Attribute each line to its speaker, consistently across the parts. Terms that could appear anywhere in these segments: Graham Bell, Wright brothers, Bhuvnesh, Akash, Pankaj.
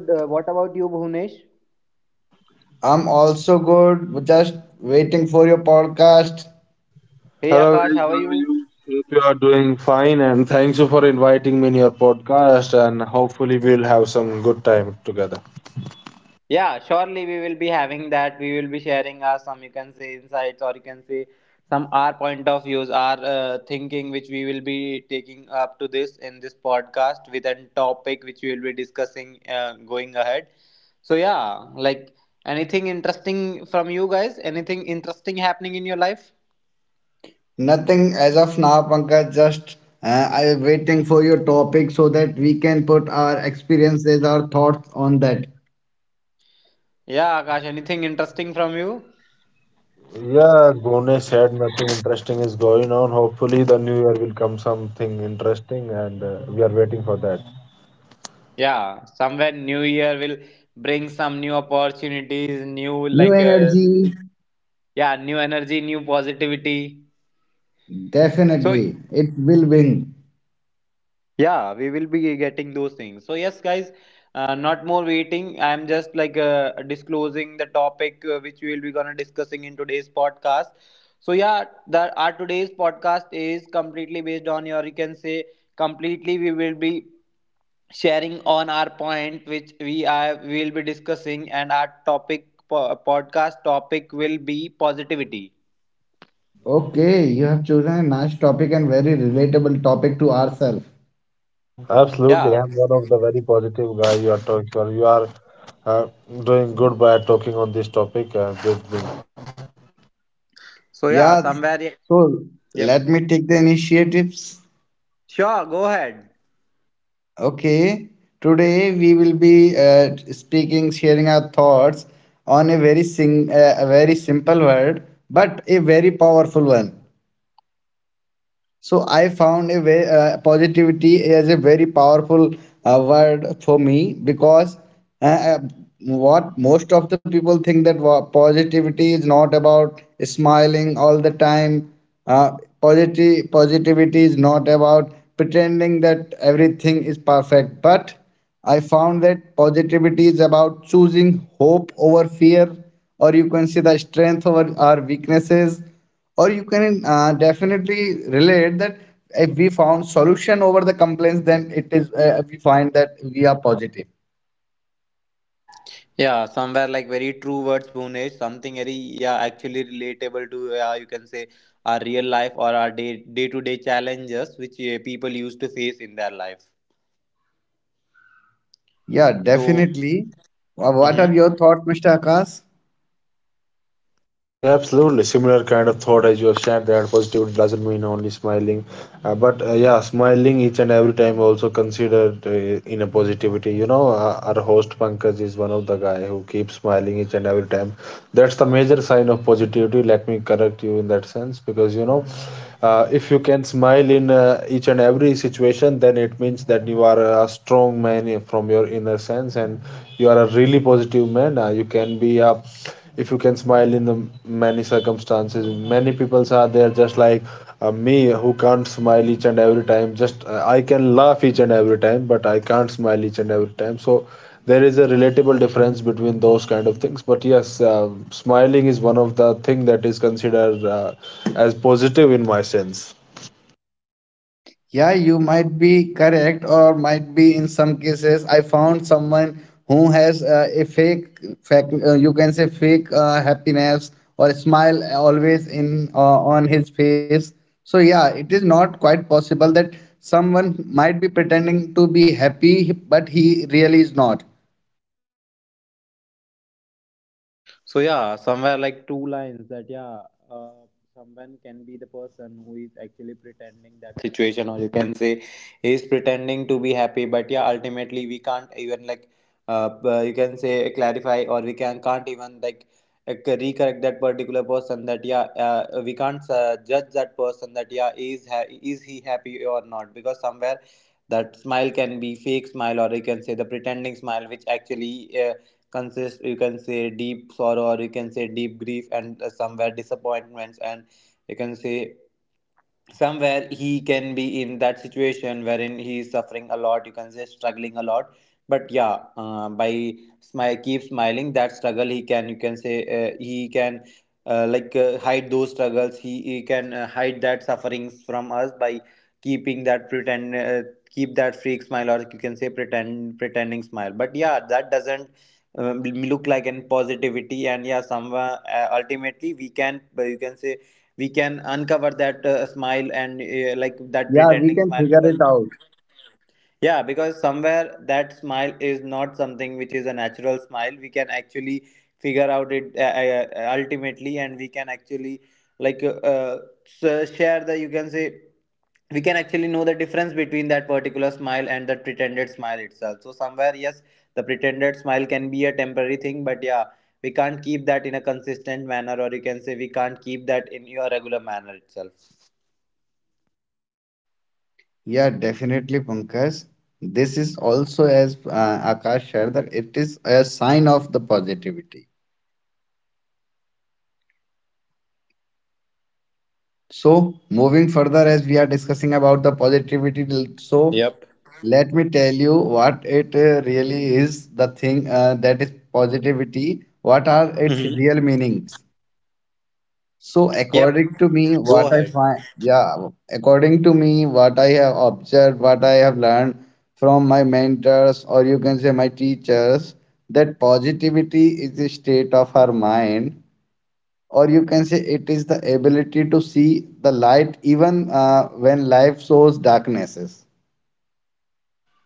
Speaker 1: I am good. What about you, Bhuvnesh?
Speaker 2: I'm also good, just waiting for your podcast.
Speaker 1: Hey
Speaker 3: Hello,
Speaker 1: Akash,
Speaker 3: guys.
Speaker 1: how
Speaker 3: How
Speaker 1: are
Speaker 3: are
Speaker 1: you?
Speaker 3: you? Hope you are doing fine, and thanks you for inviting me in your podcast. And hopefully, we'll have some good time together.
Speaker 1: Yeah, surely we will be having that. We will be sharing our some you can say insights or you can say some our point of views, our thinking which we will be taking up to this in this podcast with a topic which we will be discussing going ahead. So yeah, like anything interesting from you guys? Anything interesting happening in your life?
Speaker 2: Nothing as of now, Pankaj, just I'm waiting for your topic so that we can put our experiences, our thoughts on that.
Speaker 1: Yeah, Akash, anything interesting from you?
Speaker 3: Yeah, as Bone said nothing interesting is going on. Hopefully, the new year will come something interesting, and we are waiting for that.
Speaker 1: Yeah, somewhere new year will bring some new opportunities, new
Speaker 2: New
Speaker 1: like
Speaker 2: energy,
Speaker 1: yeah, new energy, new positivity. So
Speaker 2: definitely, it will win.
Speaker 1: yeah, we will be getting those things. So yes, guys, not more waiting. I am just like disclosing the topic which we will be gonna discussing in today's podcast. So yeah, the our today's podcast is completely based on your you can say completely we will be sharing on our point which we will be discussing and our podcast topic will be positivity.
Speaker 2: Okay, you have chosen a nice topic and very relatable topic to ourselves.
Speaker 3: Absolutely,
Speaker 1: Yeah.
Speaker 3: I'm one of the very positive guy you are talking. You are uh, doing good by talking on this topic. Good, good.
Speaker 1: So yeah,
Speaker 2: Yeah,
Speaker 1: somewhere.
Speaker 2: so
Speaker 1: Yep.
Speaker 2: let me take the initiatives.
Speaker 1: Sure, go ahead.
Speaker 2: Okay, today we will be sharing our thoughts on a very a very simple word, but a very powerful one. So I found a way, positivity is a very powerful word for me because uh, uh, what most of the people think that positivity is not about smiling all the time. Positive positivity is not about pretending that everything is perfect. But I found that positivity is about choosing hope over fear, or you can see the strength over our weaknesses, or you can definitely relate that if we found solution over the complaints, then it is we find that we are positive.
Speaker 1: Yeah, somewhere like very true words Bhunesh, something very yeah actually relatable to yeah you can say our real life or our day day to day challenges which people used to face in their life
Speaker 2: Yeah,
Speaker 1: so.
Speaker 2: definitely. What are
Speaker 1: Mhm.
Speaker 2: your thoughts, Mr. Akash?
Speaker 3: Yeah, absolutely. Similar kind of thought as you have shared that positivity doesn't mean only smiling, but yeah, smiling each and every time also considered in a positivity. You know, our host Pankaj is one of the guy who keeps smiling each and every time. That's the major sign of positivity. Let me correct you in that sense because you know, if you can smile in each and every situation, then it means that you are a strong man from your inner sense, and you are a really positive man. You can be a if you can smile in the many circumstances many peoples are there just like me, who can't smile each and every time, just I can laugh each and every time, but I can't smile each and every time. So there is a relatable difference between those kind of things. But yes, smiling is one of the thing that is considered as positive in my sense.
Speaker 2: Yeah, you might be correct, or might be in some cases. I found someone who has a fake you can say fake happiness or smile always in on his face. So yeah, it is not quite possible that someone might be pretending to be happy, but he really is not.
Speaker 1: So yeah, somewhere like two lines that yeah, uh, someone can be the person who is actually pretending that situation, or you can say he is pretending to be happy, but yeah, ultimately we can't even like you can say clarify, or we can't even like recorrect that particular person that yeah we can't judge that person that is he happy or not, because somewhere that smile can be fake smile or you can say the pretending smile which actually uh, consists you can say deep sorrow or you can say deep grief and somewhere disappointments and you can say somewhere he can be in that situation wherein he is suffering a lot, you can say struggling a lot, but yeah by keep smiling that struggle he can you can say he can like hide those struggles, he can hide that sufferings from us by keeping that pretend keep that freak smile or you can say pretending smile, but yeah that doesn't look like an positivity. And yeah somewhere ultimately we can you can say we can uncover that smile and like that
Speaker 2: Yeah, we
Speaker 1: pretending
Speaker 2: can
Speaker 1: smile,
Speaker 2: figure
Speaker 1: because
Speaker 2: it out.
Speaker 1: yeah, because somewhere that smile is not something which is a natural smile. We can actually figure out it ultimately, and we can actually like share the you can say we can actually know the difference between that particular smile and the pretended smile itself. So somewhere, yes, the pretended smile can be a temporary thing, but yeah, we can't keep that in a consistent manner, or you can say we can't keep that in your regular manner itself.
Speaker 2: Yeah, definitely, Pankaj. This is also, as Akash shared, that it is a sign of the positivity. So, moving further, as we are discussing about the positivity, so
Speaker 1: Yep.
Speaker 2: let me tell you what it really is, the thing that is positivity, what are its
Speaker 1: Hmm.
Speaker 2: real meanings. So,
Speaker 1: Yep.
Speaker 2: according to me, what
Speaker 1: Go
Speaker 2: I
Speaker 1: ahead.
Speaker 2: find, yeah, according to me, what I have observed, what I have learned from my mentors, or you can say my teachers, that positivity is a state of our mind, or you can say it is the ability to see the light even when life shows darknesses.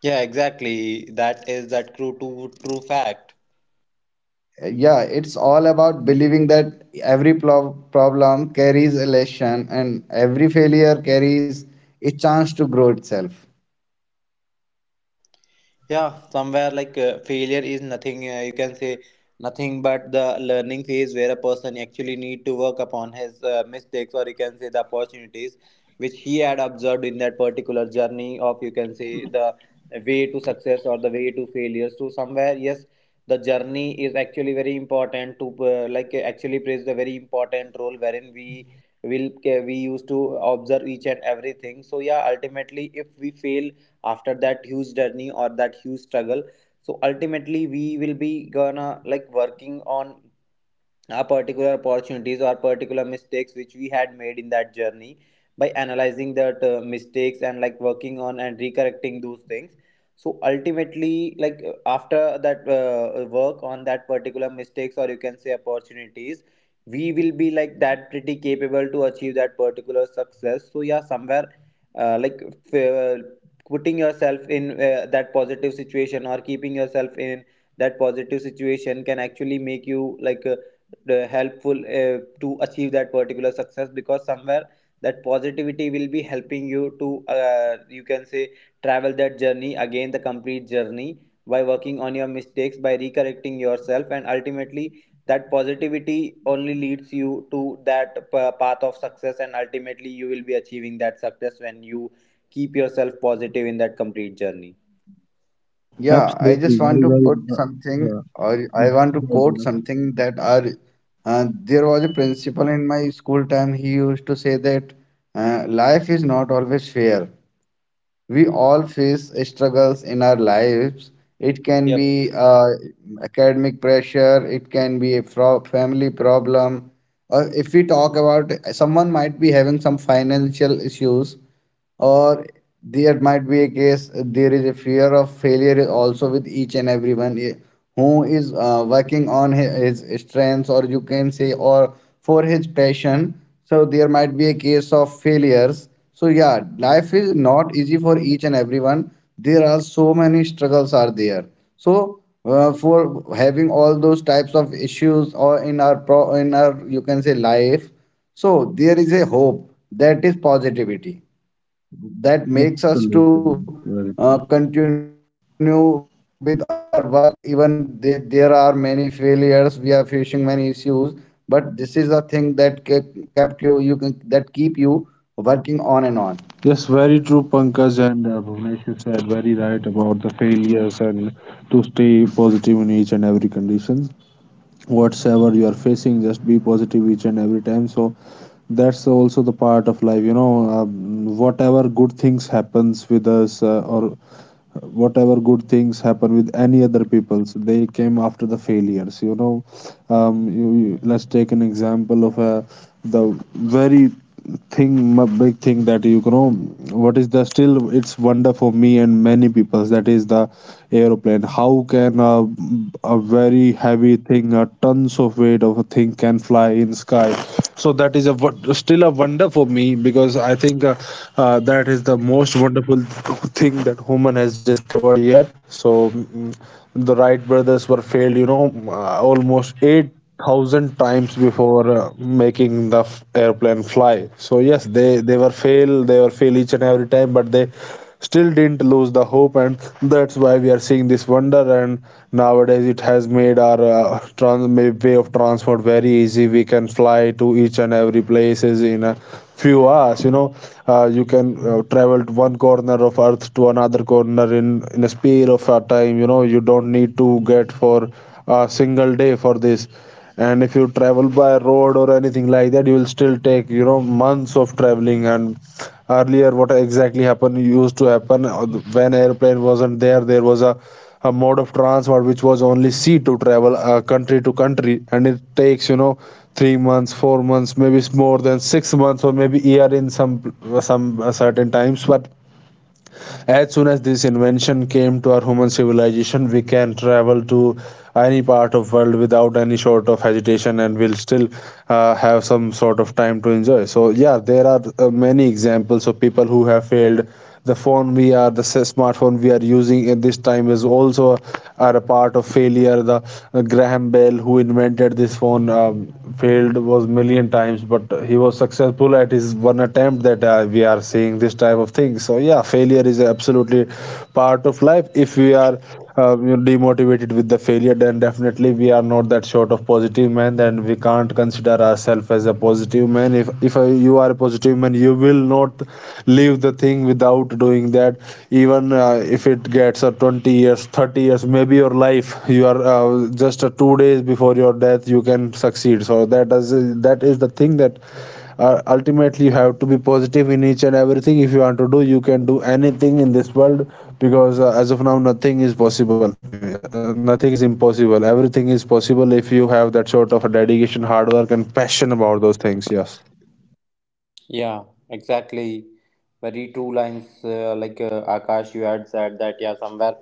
Speaker 1: Yeah, exactly. That is that true to true fact.
Speaker 2: Yeah, it's all about believing that every problem carries a lesson and every failure carries a chance to grow itself.
Speaker 1: Yeah, somewhere like failure is nothing you can say nothing but the learning phase where a person actually need to work upon his mistakes or you can say the opportunities which he had observed in that particular journey of you can say the way to success or the way to failure. So somewhere yes, the journey is actually very important to actually plays the very important role wherein we will we used to observe each and everything. So yeah, ultimately if we fail after that huge journey or that huge struggle, so ultimately we will be gonna like working on our particular opportunities or particular mistakes which we had made in that journey by analyzing that mistakes and like working on and recorrecting those things. So ultimately like after that work on that particular mistakes or you can say opportunities, we will be like that pretty capable to achieve that particular success. So yeah somewhere uh, like f- uh, putting yourself in that positive situation or keeping yourself in that positive situation can actually make you like helpful to achieve that particular success, because somewhere that positivity will be helping you to you can say travel that journey again, the complete journey, by working on your mistakes, by recorrecting yourself, and ultimately that positivity only leads you to that path of success and ultimately you will be achieving that success when you keep yourself positive in that complete journey.
Speaker 2: Yeah, I just
Speaker 3: Absolutely,
Speaker 2: want
Speaker 3: very
Speaker 2: to
Speaker 3: well.
Speaker 2: put something,
Speaker 3: Yeah,
Speaker 2: or I
Speaker 3: yes,
Speaker 2: want to
Speaker 3: well
Speaker 2: quote
Speaker 3: done.
Speaker 2: something, that our there was a principal in my school time. He used to say that life is not always fair. We all face struggles in our lives. It can
Speaker 1: Yep.
Speaker 2: be academic pressure, it can be a family problem, or if we talk about someone might be having some financial issues, or there might be a case, there is a fear of failure is also with each and everyone, who is working on his strengths, or you can say, or for his passion. So there might be a case of failures. So yeah,
Speaker 1: Mhm.
Speaker 2: life is not easy for each and everyone. There are so many struggles are there. So for having all those types of issues or in our you can say life, so there is a hope, that is positivity, that makes us to
Speaker 3: Absolutely, very true.
Speaker 2: continue with our work even there are many failures, we are facing many issues, but this is the thing that ke- kept you you can that keep you working on and on.
Speaker 3: Yes, very true, Pankaj and Bhuvnesh. You said very right about the failures and to stay positive in each and every condition. Whatsoever you are facing just be positive each and every time, so that's also the part of life, you know. Whatever good things happens with us or whatever good things happen with any other peoples, they came after the failures, you know. Let's take an example of the very thing, my big thing that, you know, what is the still it's wonder for me and many people, that is the aeroplane. How can a very heavy thing, a tons of weight of a thing can fly in sky? So that is a still a wonder for me because I think that is the most wonderful thing that human has discovered yet. So. The Wright brothers were failed, you know, almost 8,000 times before making the airplane fly. So, yes, they were fail, they were fail each and every time, but they still didn't lose the hope, and that's why we are seeing this wonder. And nowadays, it has made our way of transport very easy. We can fly to each and every places in a few hours, you know. You can travel to one corner of earth to another corner in a sphere of a time, you know. You don't need to get for a single day for this, and if you travel by road or anything like that, you will still take, you know, months of traveling. And earlier what exactly happened used to happen when airplane wasn't there, there was a mode of transport which was only sea to travel country to country, and it takes, you know, 3 months, 4 months, maybe it's more than 6 months, or maybe year in some certain times. But as soon as this invention came to our human civilization, we can travel to any part of world without any sort of hesitation, and we'll still have some sort of time to enjoy. So yeah, there are many examples of people who have failed. The phone we are the smartphone we are using at this time is also are a part of failure. The Graham Bell who invented this phone failed was million times, but he was successful at his one attempt that we are seeing this type of thing. So yeah, failure is absolutely part of life. If we are uh, demotivated with the failure, then definitely we are not that sort of positive man. Then we can't consider ourselves as a positive man. If you are a positive man, you will not leave the thing without doing that, even if it gets 20 years, 30 years, maybe your life, you are just 2 days before your death you can succeed. So that is the thing that ultimately you have to be positive in each and everything. If you want to do, you can do anything in this world, because as of now, nothing is impossible, everything is possible if you have that sort of a dedication, hard work, and passion about those things. Yes.
Speaker 1: Yeah, exactly. Very true lines Akash, you had said that, yeah, somewhere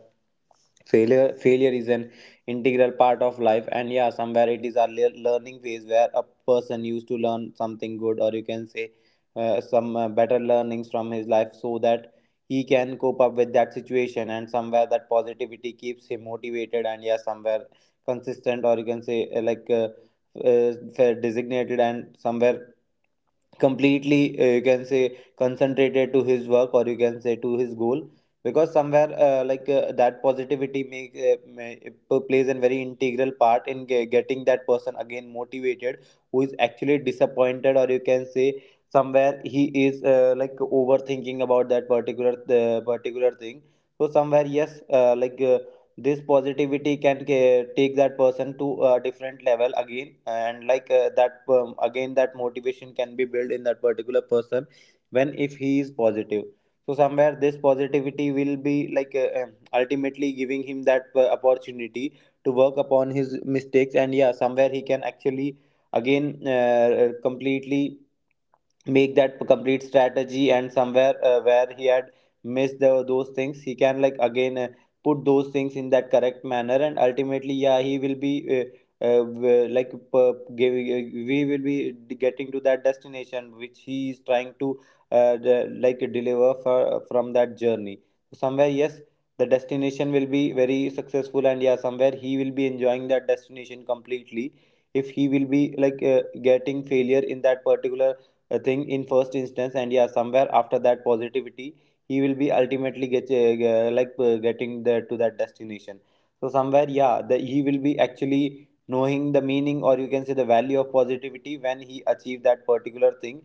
Speaker 1: failure is an integral part of life, and yeah somewhere it is a learning phase where a person used to learn something good or you can say some better learnings from his life, so that he can cope up with that situation and somewhere that positivity keeps him motivated and yeah somewhere consistent or you can say designated and somewhere completely you can say concentrated to his work or you can say to his goal, because somewhere that positivity plays a very integral part in getting that person again motivated, who is actually disappointed or you can say somewhere he is like overthinking about that particular thing. So somewhere yes this positivity can take that person to a different level again, and like that again that motivation can be built in that particular person when if he is positive. So somewhere this positivity will be like ultimately giving him that opportunity to work upon his mistakes, and yeah somewhere he can actually again completely make that complete strategy and somewhere where he had missed the, those things, he can like again put those things in that correct manner, and ultimately yeah he will be uh, uh, w- like uh, give, uh, we will be getting to that destination which he is trying to like deliver for, from that journey. Somewhere yes, the destination will be very successful and yeah somewhere he will be enjoying that destination completely if he will be like getting failure in that particular a thing in first instance, and yeah somewhere after that positivity he will be ultimately get getting there to that destination. So somewhere yeah the, he will be actually knowing the meaning or you can say the value of positivity when he achieve that particular thing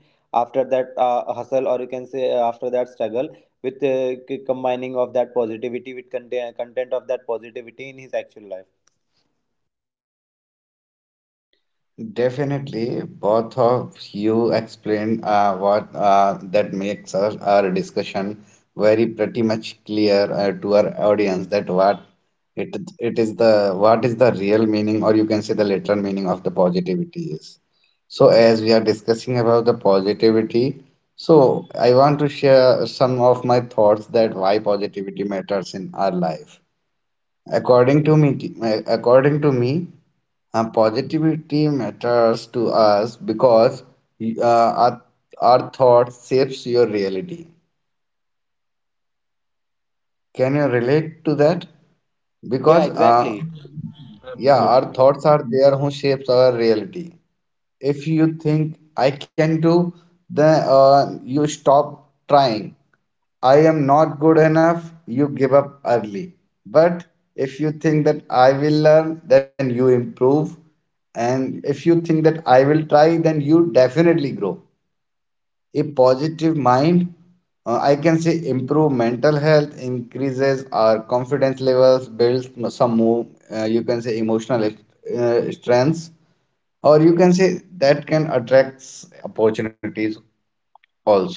Speaker 1: after that hustle or you can say after that struggle with combining of that positivity with content of that positivity in his actual life.
Speaker 2: Definitely, both of you explained what that makes us, our discussion very pretty much clear to our audience, that what it is the real meaning, or you can say the literal meaning of the positivity is. So as we are discussing about the positivity, so I want to share some of my thoughts that why positivity matters in our life. According to me, according to me, positivity matters to us because uh, our, our thoughts shapes your reality. Can you relate to that?
Speaker 1: Yeah,
Speaker 2: Because,
Speaker 1: exactly.
Speaker 2: yeah, our thoughts are there who shapes our reality. If you think I can do, then you stop trying. I am not good enough, you give up early. But if you think that I will learn, then you improve. And if you think that I will try, then you definitely grow a positive mind. I can say improve mental health, increases our confidence levels, builds some more you can say emotional strengths, or you can say that can attract opportunities also.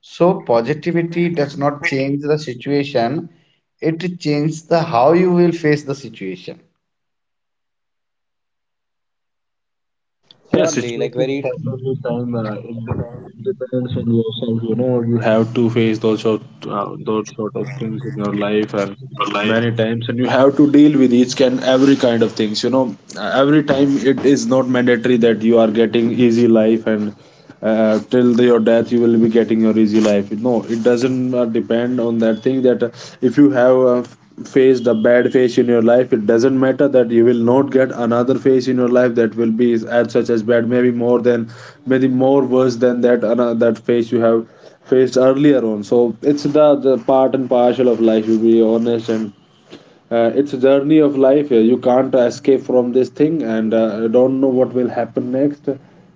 Speaker 2: So positivity does not change the situation, it changes the how you will face the situation.
Speaker 3: Yeah,
Speaker 1: Surely, like
Speaker 3: situations
Speaker 1: very. Your
Speaker 3: happen with time. It depends on yourself. You know, you have to face those sort of things in your life, and
Speaker 1: life.
Speaker 3: many times, and you have to deal with each and every kind of things. You know, every time it is not mandatory that you are getting easy life, and till your death you will be getting your easy life. No, it doesn't depend on that thing that if you have faced a bad phase in your life, it doesn't matter that you will not get another phase in your life that will be as such as bad, maybe more worse than that that phase you have faced earlier on. So it's the part and parcel of life, to be honest. And it's a journey of life. You can't escape from this thing, and don't know what will happen next.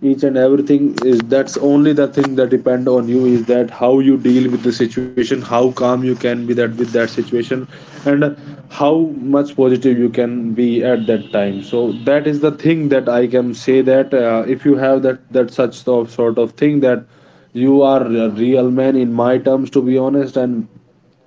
Speaker 3: Each and everything is that's only the thing that depend on you is that how you deal with the situation, how calm you can be that with that situation, and how much positive you can be at that time. So that is the thing that I can say that if you have that that such sort of thing, that you are a real man in my terms, to be honest. And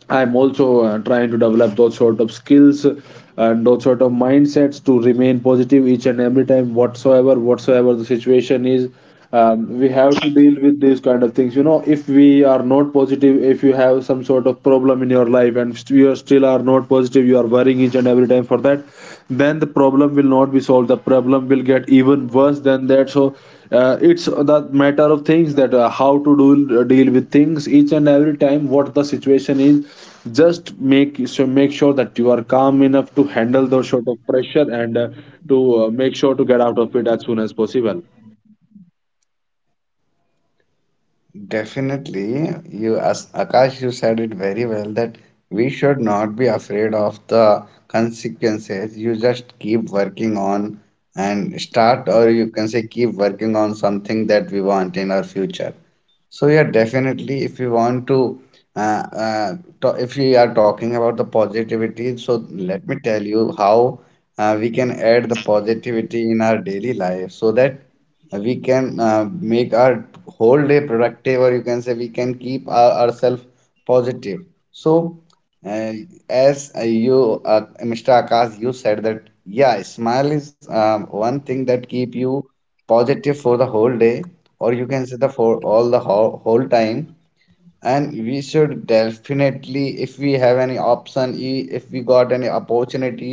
Speaker 3: I'm also trying to develop those sort of skills and those sort of mindsets to remain positive each and every time, whatsoever the situation is. We have to deal with these kind of things. You know, if we are not positive, if you have some sort of problem in your life and you are still are not positive, you are worrying each and every time for that, then the problem will not be solved, the problem will get even worse than that. So it's the matter of things that how to do deal with things each and every time what the situation is. Just make sure that you are calm enough to handle those sort of pressure, and to make sure to get out of it as soon as possible.
Speaker 2: Definitely, you, as Akash, you said it very well that we should not be afraid of the consequences. You just keep working on and start, or you can say keep working on something that we want in our future. So yeah, definitely, if you want to, uh, uh, if we are talking about the positivity, so let me tell you how we can add the positivity in our daily life, so that we can make our whole day productive, or you can say we can keep ourselves positive. So uh, as you, Mr. Akash, you said that yeah, smile is one thing that keep you positive for the whole day, or you can say the for all the whole time. And we should definitely, if we have any option, if we got any opportunity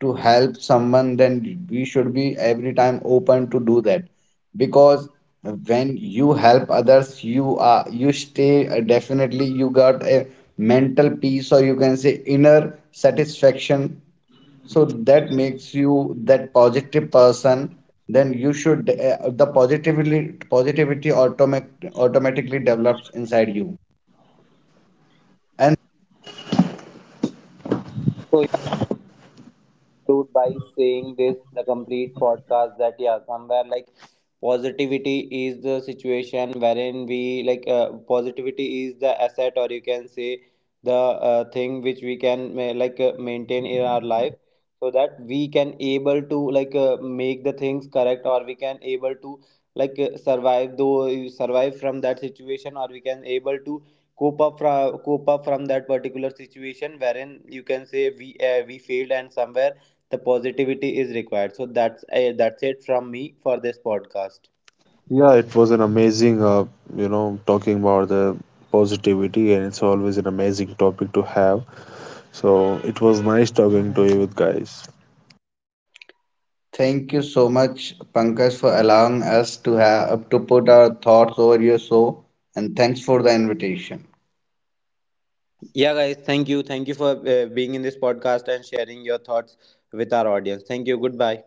Speaker 2: to help someone, then we should be every time open to do that, because when you help others, you are, you stay, definitely you got a mental peace, or you can say inner satisfaction. So that makes you that positive person. Then you should, the positivity automatically develops inside you.
Speaker 1: So conclude by saying this the complete podcast that yeah somewhere like positivity is the situation wherein we like positivity is the asset or you can say the thing which we can like maintain in our life, so that we can able to like make the things correct, or we can able to like survive from that situation, or we can able to cope up from that particular situation wherein you can say we failed and somewhere the positivity is required. So that's it from me for this podcast.
Speaker 3: Yeah, it was an amazing, talking about the positivity, and it's always an amazing topic to have. So it was nice talking to you guys.
Speaker 2: Thank you so much, Pankaj, for allowing us to have to put our thoughts over your show, and thanks for the invitation.
Speaker 1: Yeah guys, thank you, thank you for being in this podcast and sharing your thoughts with our audience. Thank you, goodbye.